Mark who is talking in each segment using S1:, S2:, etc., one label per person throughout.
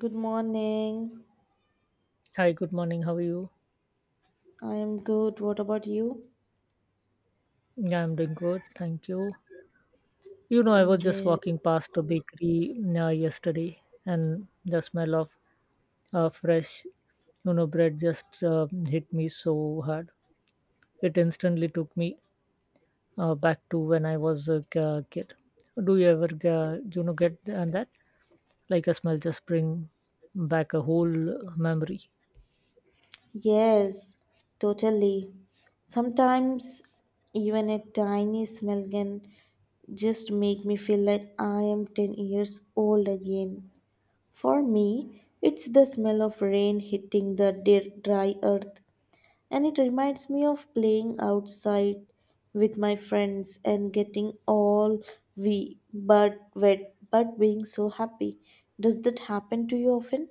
S1: Good morning.
S2: Hi, good morning. How are you?
S1: I am good. What about you?
S2: Yeah, I'm doing good. Thank you. You know, I
S1: Mm,
S2: was just
S1: yes.
S2: walking past a bakery yesterday, and the smell of fresh, you know, bread just hit me so hard. It instantly took me back to when I was a kid. Do you ever, you know, get th- and that? Like a smell just bring back a whole memory.
S1: Yes, totally. Sometimes even a tiny smell can just make me feel like I am 10 years old again. For me, it's the smell of rain hitting the dry earth. And it reminds me of playing outside with my friends and getting all we but wet but being so happy. Does that happen to you often?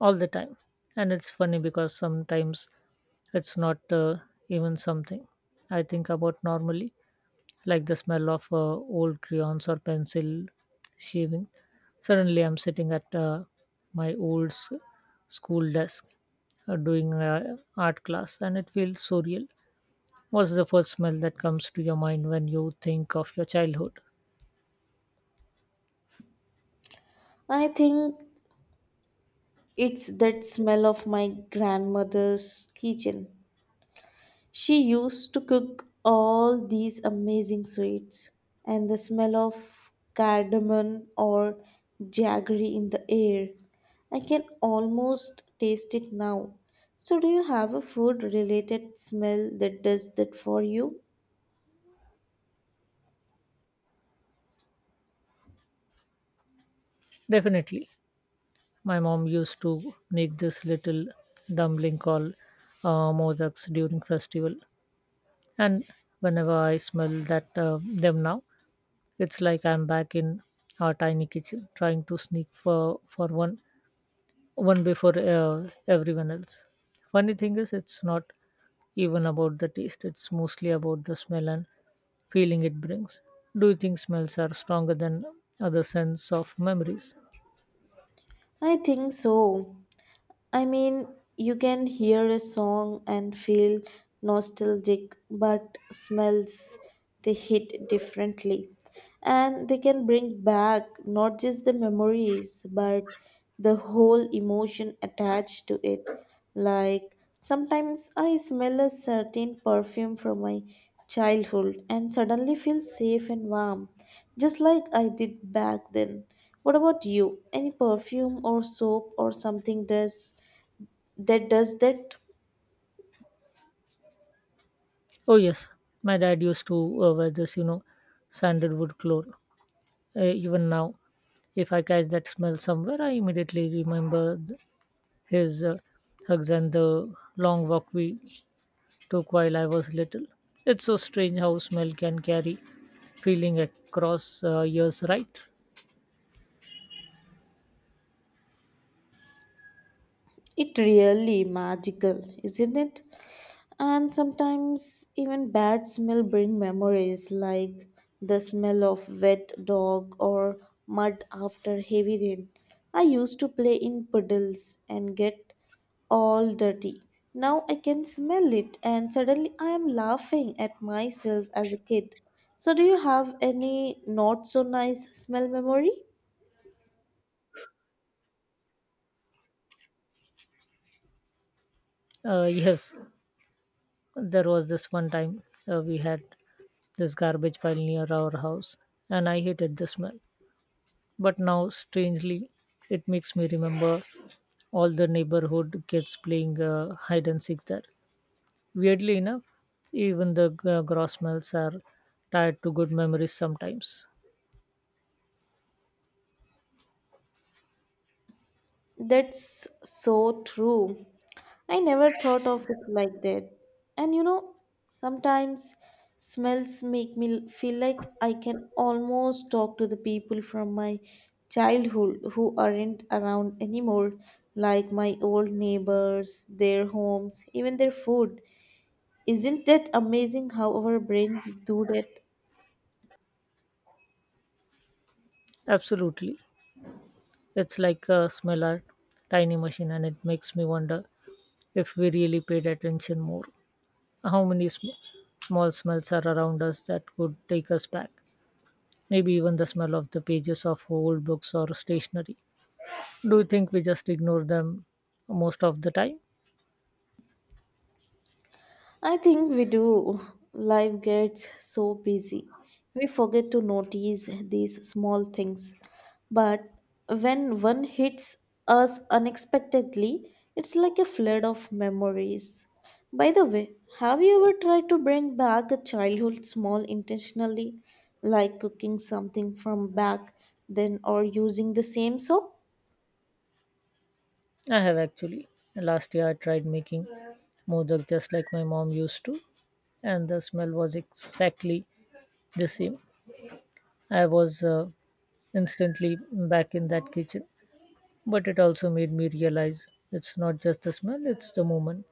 S2: All the time, and it's funny because sometimes it's not even something I think about normally, like the smell of old crayons or pencil shaving. Suddenly I'm sitting at my old school desk doing art class, and it feels so real. What's the first smell that comes to your mind when you think of your childhood?
S1: I think it's that smell of my grandmother's kitchen. She used to cook all these amazing sweets, and the smell of cardamom or jaggery in the air. I can almost taste it now. So, do you have a food related smell that does that for you?
S2: Definitely. My mom used to make this little dumpling called modaks during festival, and whenever I smell that them now, it's like I'm back in our tiny kitchen trying to sneak for one before everyone else. Funny thing is, it's not even about the taste; it's mostly about the smell and feeling it brings. Do you think smells are stronger than other sense of memories?
S1: I think so. I mean, you can hear a song and feel nostalgic, but smells they hit differently. And they can bring back not just the memories, but the whole emotion attached to it. Like sometimes I smell a certain perfume from my childhood and suddenly feel safe and warm, just like I did back then. What about you? Any perfume or soap or something does? That does that
S2: Oh yes, my dad used to wear this, you know, sandalwood cologne. Even now, if I catch that smell somewhere, I immediately remember his hugs and the long walk we took while I was little. It's so strange how smell can carry feeling across years, right?
S1: it really magical isn't it and sometimes even bad smell bring memories like the smell of wet dog or mud after heavy rain I used to play in puddles and get all dirty now I can smell it and suddenly I am laughing at myself as a kid so do you have any not so nice smell memory.
S2: Yes, there was this one time we had this garbage pile near our house, and I hated the smell. But now, strangely, it makes me remember all the neighborhood kids playing hide and seek there. Weirdly enough, even the gross smells are tied to good memories sometimes.
S1: That's so true. I never thought of it like that. And you know, sometimes smells make me feel like I can almost talk to the people from my childhood who aren't around anymore, like my old neighbors, their homes, even their food. Isn't that amazing how our brains do that?
S2: Absolutely. It's like a smell art, tiny machine, and it makes me wonder if we really paid attention more. How many small smells are around us that could take us back? Maybe even the smell of the pages of old books or stationery. Do you think we just ignore them most of the time?
S1: I think we do. Life gets so busy. We forget to notice these small things. But when one hits us unexpectedly, it's like a flood of memories. By the way, have you ever tried to bring back a childhood small intentionally, like cooking something from back then or using the same soap?
S2: I have actually. Last year I tried making modak just like my mom used to, and the smell was exactly the same. I was instantly back in that kitchen, but it also made me realize it's not just the smell, it's the moment,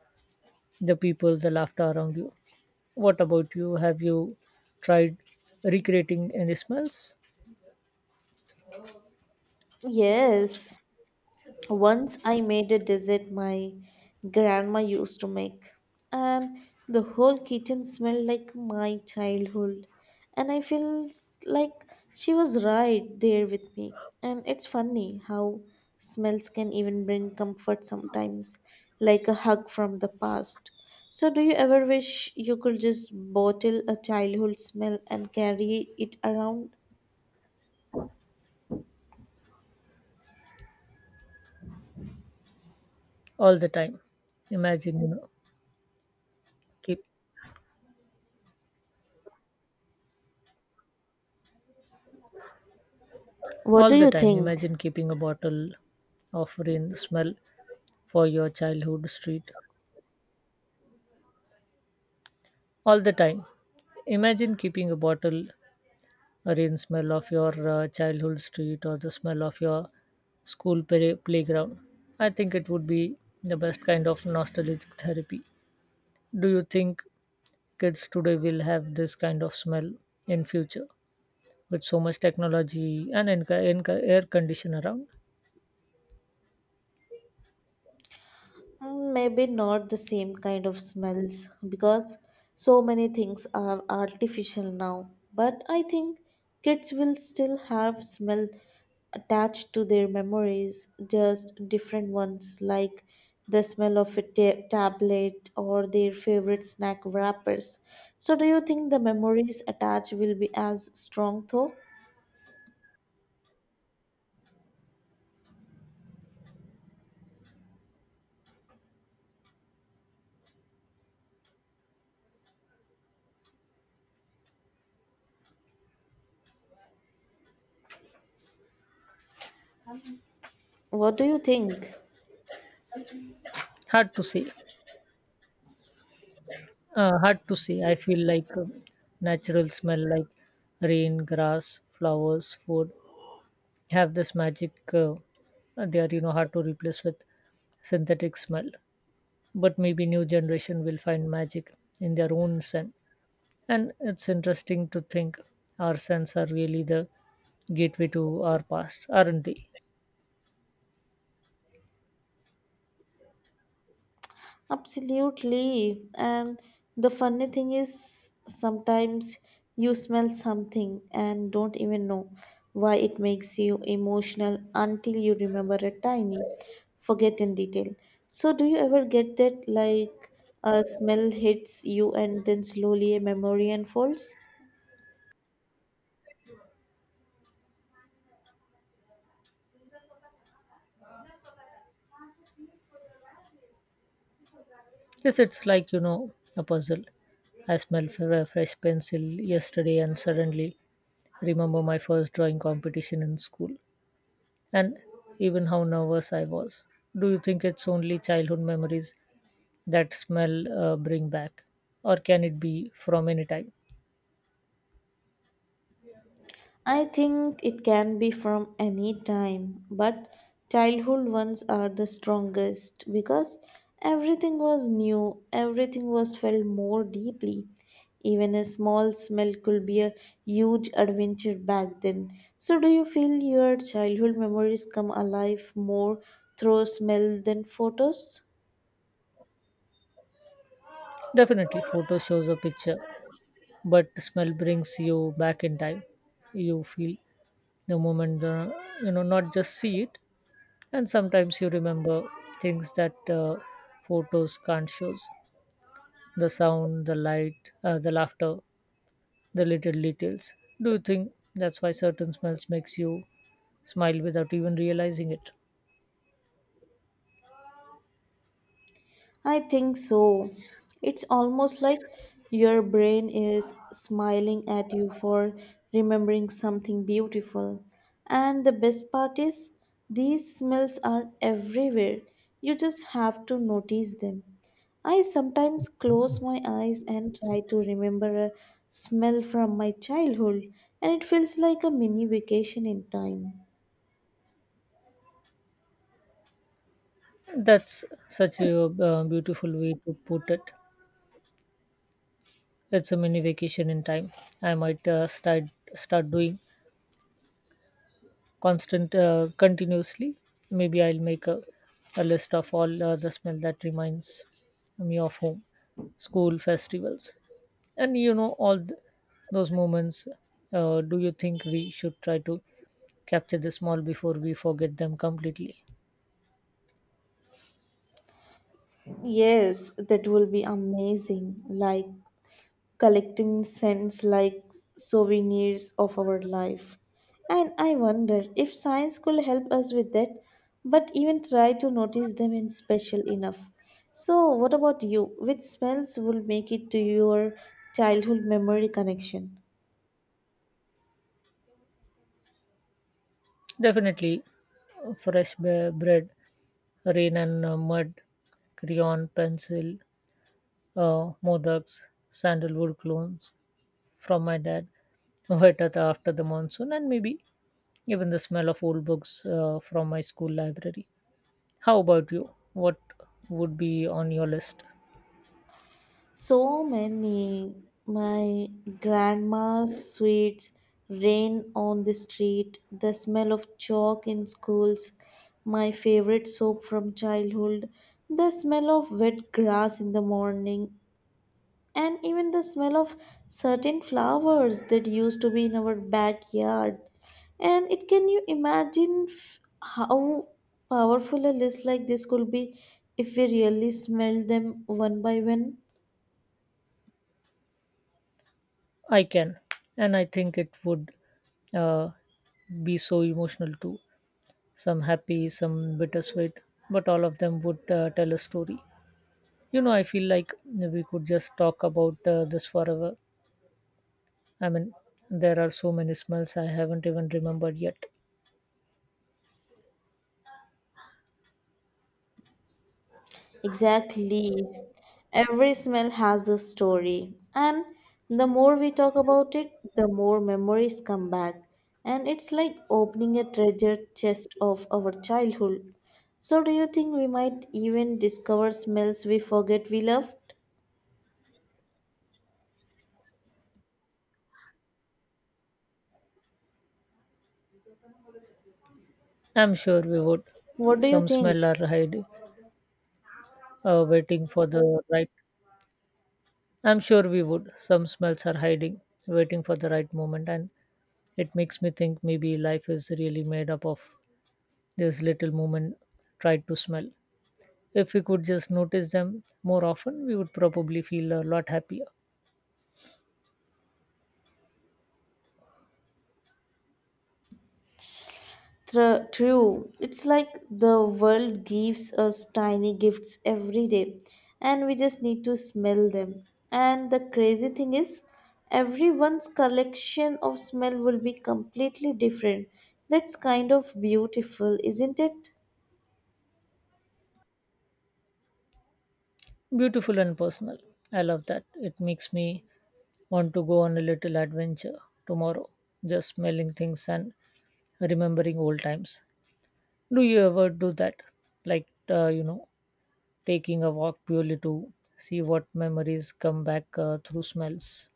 S2: the people, the laughter around you. What about you? Have you tried recreating any smells?
S1: Yes, once I made a dessert my grandma used to make, and the whole kitchen smelled like my childhood. And I feel like she was right there with me. And it's funny how smells can even bring comfort sometimes, like a hug from the past. So, do you ever wish you could just bottle a childhood smell and carry it around?
S2: All the time. Imagine, you know, keep
S1: What
S2: all
S1: do
S2: the
S1: you
S2: time.
S1: think?
S2: Imagine keeping a bottle of rain smell for your childhood street all the time. Imagine keeping a bottle or in smell of your childhood street or the smell of your school playground. I think it would be the best kind of nostalgic therapy. Do you think kids today will have this kind of smell in future with so much technology and air condition around?
S1: Mm, maybe not the same kind of smells because so many things are artificial now. But I think kids will still have smell attached to their memories, just different ones like the smell of a tablet or their favorite snack wrappers. So, do you think the memories attached will be as strong though? What do you think?
S2: Hard to say. Hard to say. I feel like natural smell like rain, grass, flowers, food have this magic. They are, you know, hard to replace with synthetic smell, but maybe new generation will find magic in their own scent. And it's interesting to think our scents are really the gateway to our past, aren't they?
S1: Absolutely. And the funny thing is, sometimes you smell something and don't even know why it makes you emotional until you remember a tiny, forget in detail. So, do you ever get that like a smell hits you and then slowly a memory unfolds?
S2: Yes, it's like, you know, a puzzle. I smelled a fresh pencil yesterday, and suddenly remember my first drawing competition in school, and even how nervous I was. Do you think it's only childhood memories that smell bring back, or can it be from any time?
S1: I think it can be from any time, but childhood ones are the strongest because everything was new, everything was felt more deeply. Even a small smell could be a huge adventure back then. So, do you feel your childhood memories come alive more through smell than photos?
S2: Definitely. Photo shows a picture, but smell brings you back in time. You feel the moment, you know, not just see it. And sometimes you remember things that photos can't show: the sound, the light, the laughter, the little details. Do you think that's why certain smells makes you smile without even realizing it?
S1: I think so. It's almost like your brain is smiling at you for remembering something beautiful. And the best part is, these smells are everywhere. You just have to notice them. I sometimes close my eyes and try to remember a smell from my childhood, and it feels like a mini vacation in time.
S2: That's such a beautiful way to put it. It's a mini vacation in time. I might start doing constant continuously. Maybe I'll make a list of all the smell that reminds me of home, school, festivals, and, you know, all those moments. Do you think we should try to capture the small before we forget them completely?
S1: Yes, that will be amazing. Like collecting scents like souvenirs of our life. And I wonder if science could help us with that, but even try to notice them in special enough. So, what about you? Which smells will make it to your childhood memory connection?
S2: Definitely, fresh bread, rain and mud, crayon, pencil, modaks, sandalwood clones from my dad, wet after the monsoon, and maybe even the smell of old books from my school library. How about you? What would be on your list?
S1: So many. My grandma's sweets, rain on the street, the smell of chalk in schools, my favorite soap from childhood, the smell of wet grass in the morning, and even the smell of certain flowers that used to be in our backyard. And it can you imagine how powerful a list like this could be if we really smelled them one by one?
S2: I can, and I think it would uh, be so emotional too. Some happy, some bittersweet, but all of them would tell a story. You know, I feel like we could just talk about this forever. I mean, there are so many smells I haven't even remembered yet.
S1: Exactly. Every smell has a story. And the more we talk about it, the more memories come back. And it's like opening a treasure chest of our childhood. So, do you think we might even discover smells we forget we loved?
S2: I'm sure we would.
S1: What do you
S2: Some
S1: think?
S2: smell are hiding, waiting for the right. I'm sure we would. Some smells are hiding, waiting for the right moment, and it makes me think maybe life is really made up of this little moment tried to smell. If we could just notice them more often, we would probably feel a lot happier.
S1: True. It's like the world gives us tiny gifts every day, and we just need to smell them. And the crazy thing is, everyone's collection of smell will be completely different. That's kind of beautiful, isn't it?
S2: Beautiful and personal. I love that. It makes me want to go on a little adventure tomorrow, just smelling things and remembering old times. Do you ever do that? Like, you know, taking a walk purely to see what memories come back through smells?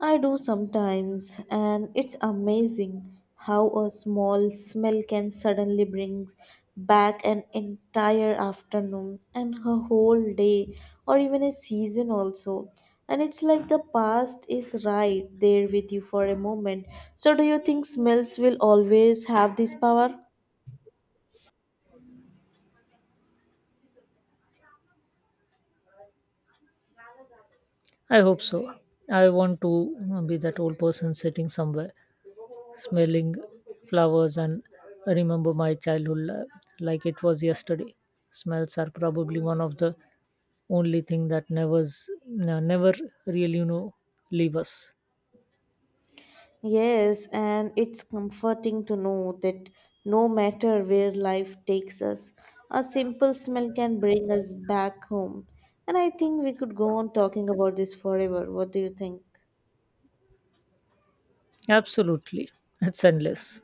S1: I do sometimes, and it's amazing how a small smell can suddenly bring back an entire afternoon and a whole day, or even a season, also. And it's like the past is right there with you for a moment. So, do you think smells will always have this power?
S2: I hope so. I want to be that old person sitting somewhere, smelling flowers and remember my childhood like it was yesterday. Smells are probably one of the only thing that never really, you know, leave us.
S1: Yes, and it's comforting to know that no matter where life takes us, a simple smell can bring us back home. And I think we could go on talking about this forever. What do you think?
S2: Absolutely. It's endless.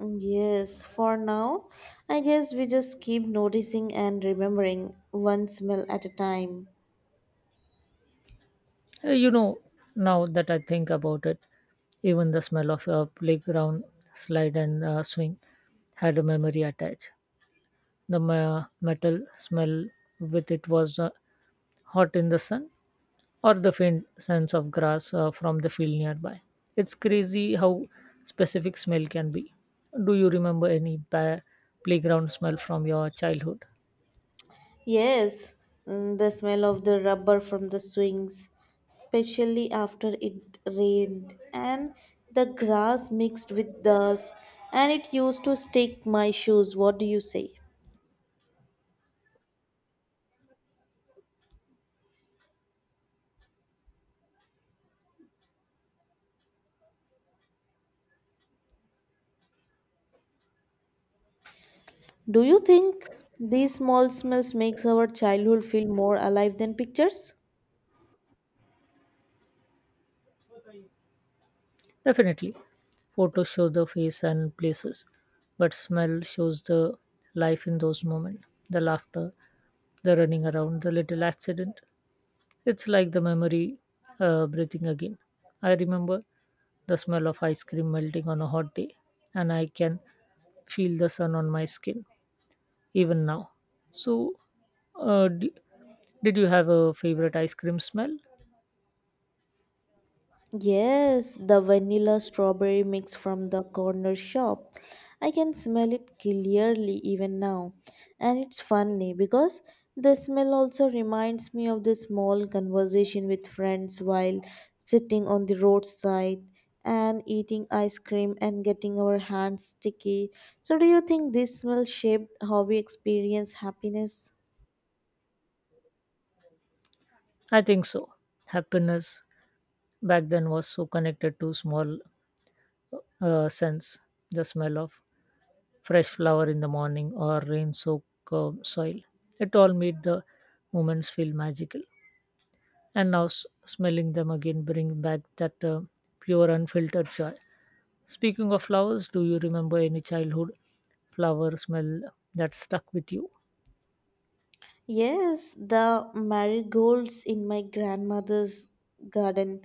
S1: Mm, yes, for now, I guess we just keep noticing and remembering one smell at a time.
S2: You know, now that I think about it, even the smell of a playground slide and swing had a memory attached. The metal smell with it was hot in the sun, or the faint sense of grass from the field nearby. It's crazy how specific smell can be. Do you remember any playground smell from your childhood?
S1: Yes, mm, the smell of the rubber from the swings, especially after it rained, and the grass mixed with dust, and it used to stick my shoes. What do you say? Do you think these small smells makes our childhood feel more alive than pictures?
S2: Definitely. Photos show the face and places, but smell shows the life in those moments: the laughter, the running around, the little accident. It's like the memory breathing again. I remember the smell of ice cream melting on a hot day, and I can feel the sun on my skin even now. So, uh, d- did you have a favorite ice cream smell?
S1: Yes, the vanilla strawberry mix from the corner shop. I can smell it clearly even now. And it's funny because the smell also reminds me of the small conversation with friends while sitting on the roadside and eating ice cream and getting our hands sticky. So, do you think this smell shaped how we experience happiness?
S2: I think so. Happiness back then was so connected to small scents, the smell of fresh flower in the morning or rain soaked soil. It all made the moments feel magical. And now smelling them again bring back that pure unfiltered joy. Speaking of flowers, do you remember any childhood flower smell that stuck with you?
S1: Yes, the marigolds in my grandmother's garden.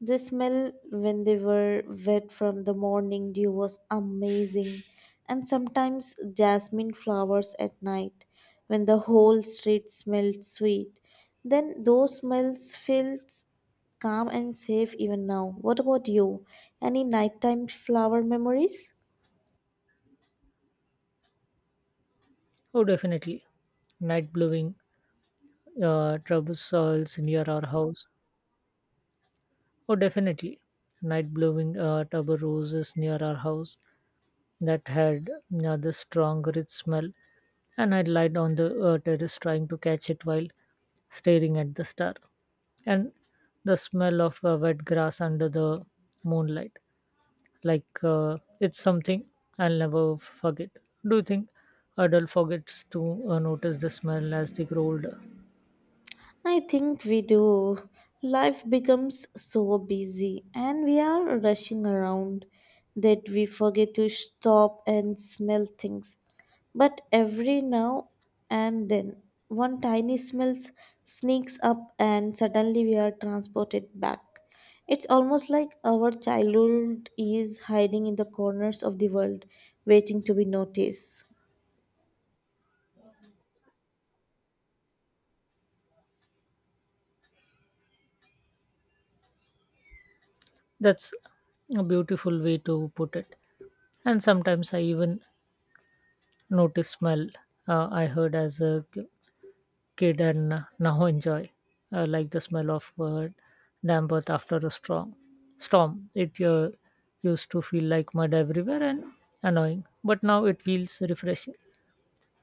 S1: The smell when they were wet from the morning dew was amazing, and sometimes jasmine flowers at night when the whole street smelled sweet. Then those smells felt calm and safe even now. What about you? Any nighttime flower memories?
S2: Oh, definitely. Night blowing trouble soils near our house. Oh, definitely. Night blowing trouble roses near our house that had this strong rich smell, and I lied on the terrace trying to catch it while staring at the star. And the smell of wet grass under the moonlight, like it's something I'll never forget. Do you think adult forgets to notice the smell as they grow older?
S1: I think we do. Life becomes so busy and we are rushing around that we forget to stop and smell things. But every now and then, one tiny smell sneaks up and suddenly we are transported back. It's almost like our childhood is hiding in the corners of the world, waiting to be noticed.
S2: That's a beautiful way to put it. And sometimes I even notice smell I heard as a kid and now enjoy, like the smell of damp earth after a strong storm. It used to feel like mud everywhere and annoying, but now it feels refreshing.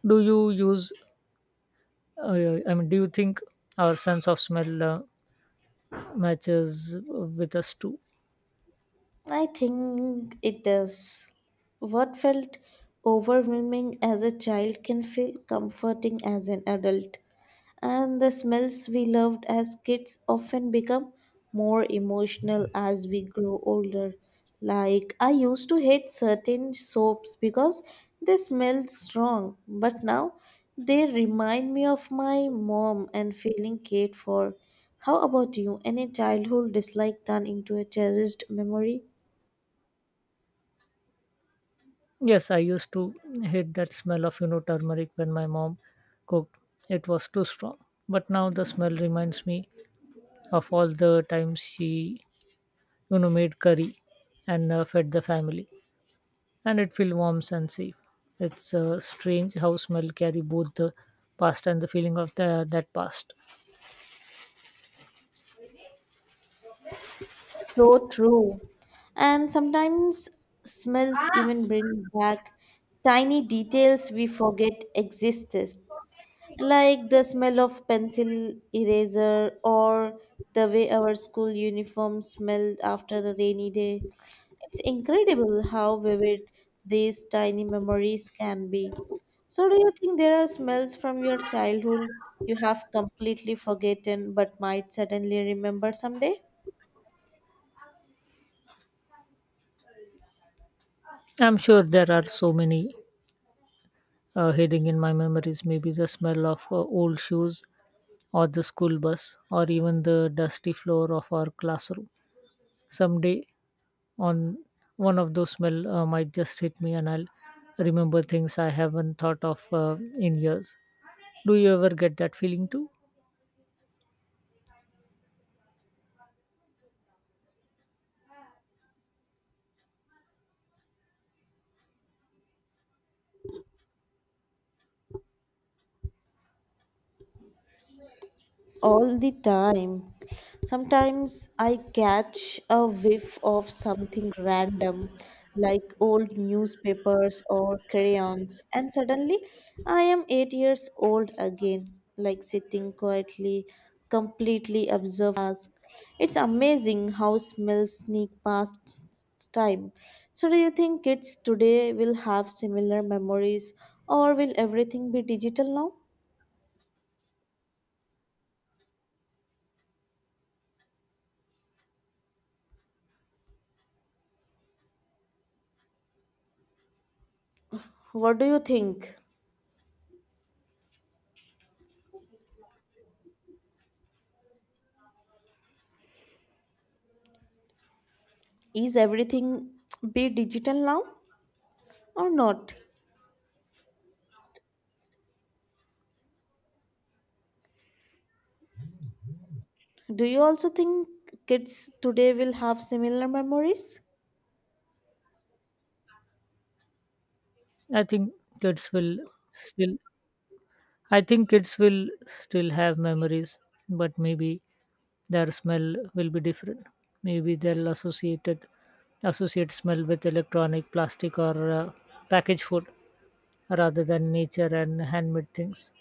S2: Do you use? I mean, do you think our sense of smell matches with us too?
S1: I think it does. What felt overwhelming as a child can feel comforting as an adult, and the smells we loved as kids often become more emotional as we grow older. Like, I used to hate certain soaps because they smelled strong, but now they remind me of my mom and feeling cared for. How about you? Any childhood dislike turned into a cherished memory?
S2: Yes, I used to hate that smell of, you know, turmeric when my mom cooked. It was too strong. But now the smell reminds me of all the times she, you know, made curry and fed the family, and it felt warm and safe. It's strange how smell carry both the past and the feeling of that past.
S1: So true. And sometimes smells even bring back tiny details we forget existed, like the smell of pencil eraser or the way our school uniform smelled after a rainy day. It's incredible how vivid these tiny memories can be. So, do you think there are smells from your childhood you have completely forgotten but might suddenly remember someday?
S2: I'm sure there are so many hidden in my memories. Maybe the smell of old shoes or the school bus or even the dusty floor of our classroom. Someday on one of those smell might just hit me, and I'll remember things I haven't thought of in years. Do you ever get that feeling too?
S1: All the time. Sometimes I catch a whiff of something random like old newspapers or crayons, and suddenly I am 8 years old again, like sitting quietly, completely absorbed. In the task. It's amazing how smells sneak past time. So, do you think kids today will have similar memories, or will everything be digital now? What do you think? Is everything be digital now or not? Do you also think kids today will have similar memories?
S2: I think kids will still I think kids will still have memories, but maybe their smell will be different. Maybe they'll associate smell with electronic, plastic, or packaged food rather than nature and handmade things.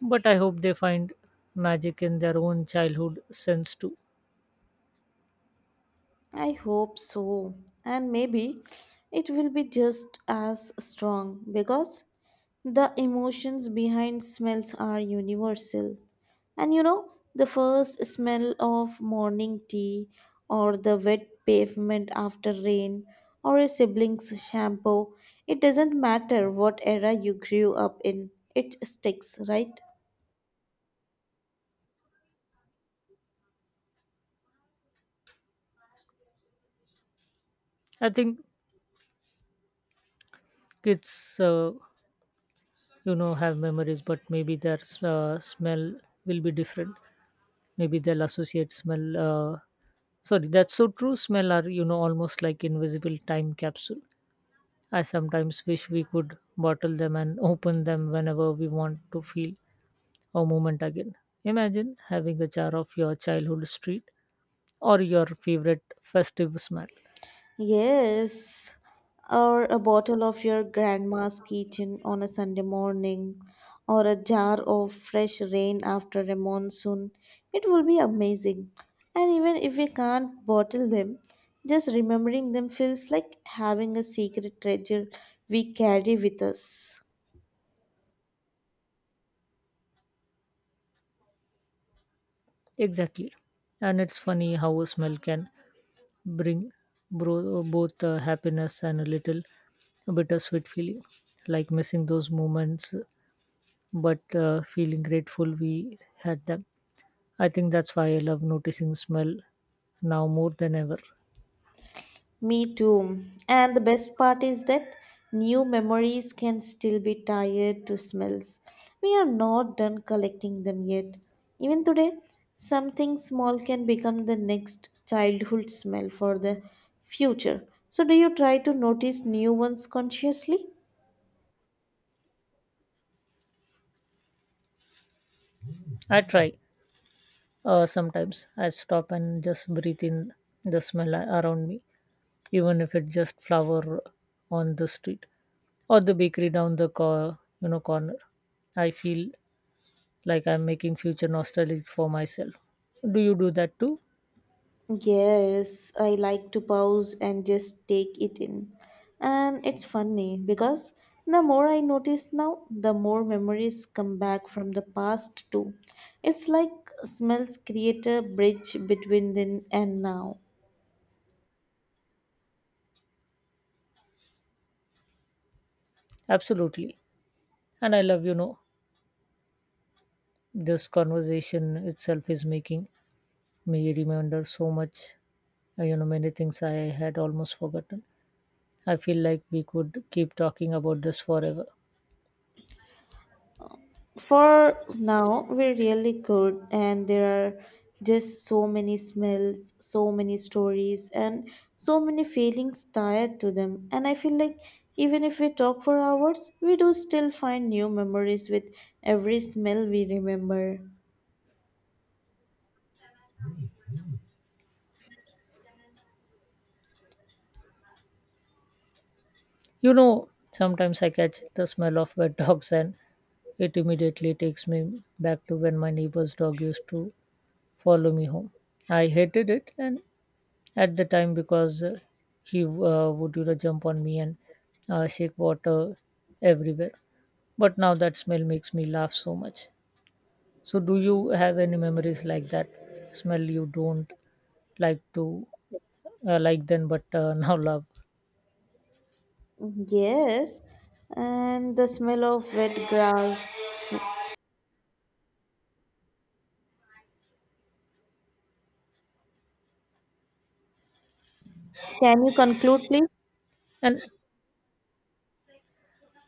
S2: But I hope they find magic in their own childhood sense too.
S1: I hope so. And maybe it will be just as strong because the emotions behind smells are universal. And you know, the first smell of morning tea, or the wet pavement after rain, or a sibling's shampoo, it doesn't matter what era you grew up in, it sticks, right?
S2: I think kids, you know, have memories, but maybe their smell will be different. Maybe they'll associate smell. Sorry, that's so true. Smell are, you know, almost like invisible time capsule. I sometimes wish we could bottle them and open them whenever we want to feel a moment again. Imagine having a jar of your childhood street or your favorite festive smell.
S1: Yes, or a bottle of your grandma's kitchen on a Sunday morning, or a jar of fresh rain after a monsoon. It will be amazing. And even if we can't bottle them, just remembering them feels like having a secret treasure we carry with us.
S2: Exactly. And it's funny how a smell can bring both happiness and a little bittersweet feeling, like missing those moments but feeling grateful we had them. I think that's why I love noticing smell now more than ever.
S1: Me too. And the best part is that new memories can still be tied to smells. We are not done collecting them yet. Even today, something small can become the next childhood smell for the future. So, do you try to notice new ones consciously?
S2: I try sometimes. I stop and just breathe in the smell around me, even if it's just flower on the street or the bakery down the you know corner. I feel like I'm making future nostalgic for myself. Do you do that too?
S1: Yes, I like to pause and just take it in. And it's funny because the more I notice now, the more memories come back from the past too. It's like smells create a bridge between then and now.
S2: Absolutely. And I love, you know, this conversation itself is making me remember so much. You know, many things I had almost forgotten. I feel like we could keep talking about this forever.
S1: For now, we are really good, and there are just so many smells, so many stories, and so many feelings tied to them. And I feel like even if we talk for hours, we do still find new memories with every smell we remember.
S2: You know, sometimes I catch the smell of wet dogs, and it immediately takes me back to when my neighbor's dog used to follow me home. I hated it and at the time because he would, you know, jump on me and shake water everywhere. But now that smell makes me laugh so much. So do you have any memories like that, smell you don't like to like then but now love?
S1: Yes, and the smell of wet grass. Can you conclude, please?
S2: And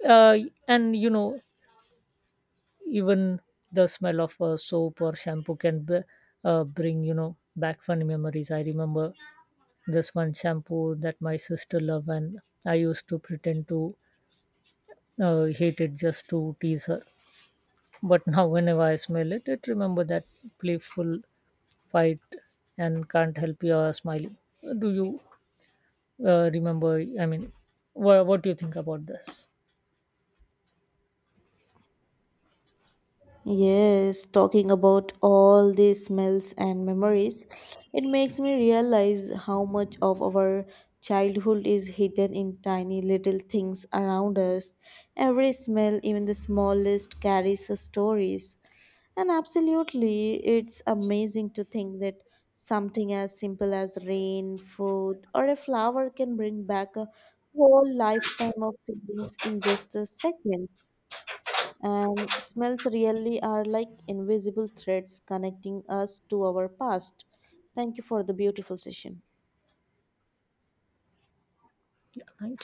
S2: uh, you know, even the smell of soap or shampoo can bring, you know, back funny memories. I remember this one shampoo that my sister loved, and I used to pretend to hate it just to tease her. But now whenever I smell it, it remember that playful fight and can't help you smiling. Do you remember I mean wha what do you think about this?
S1: Yes, talking about all these smells and memories, it makes me realize how much of our childhood is hidden in tiny little things around us. Every smell, even the smallest, carries a stories. And absolutely, it's amazing to think that something as simple as rain, food, or a flower can bring back a whole lifetime of feelings in just a second. And smells really are like invisible threads connecting us to our past. Thank you for the beautiful session.
S2: Yeah, thank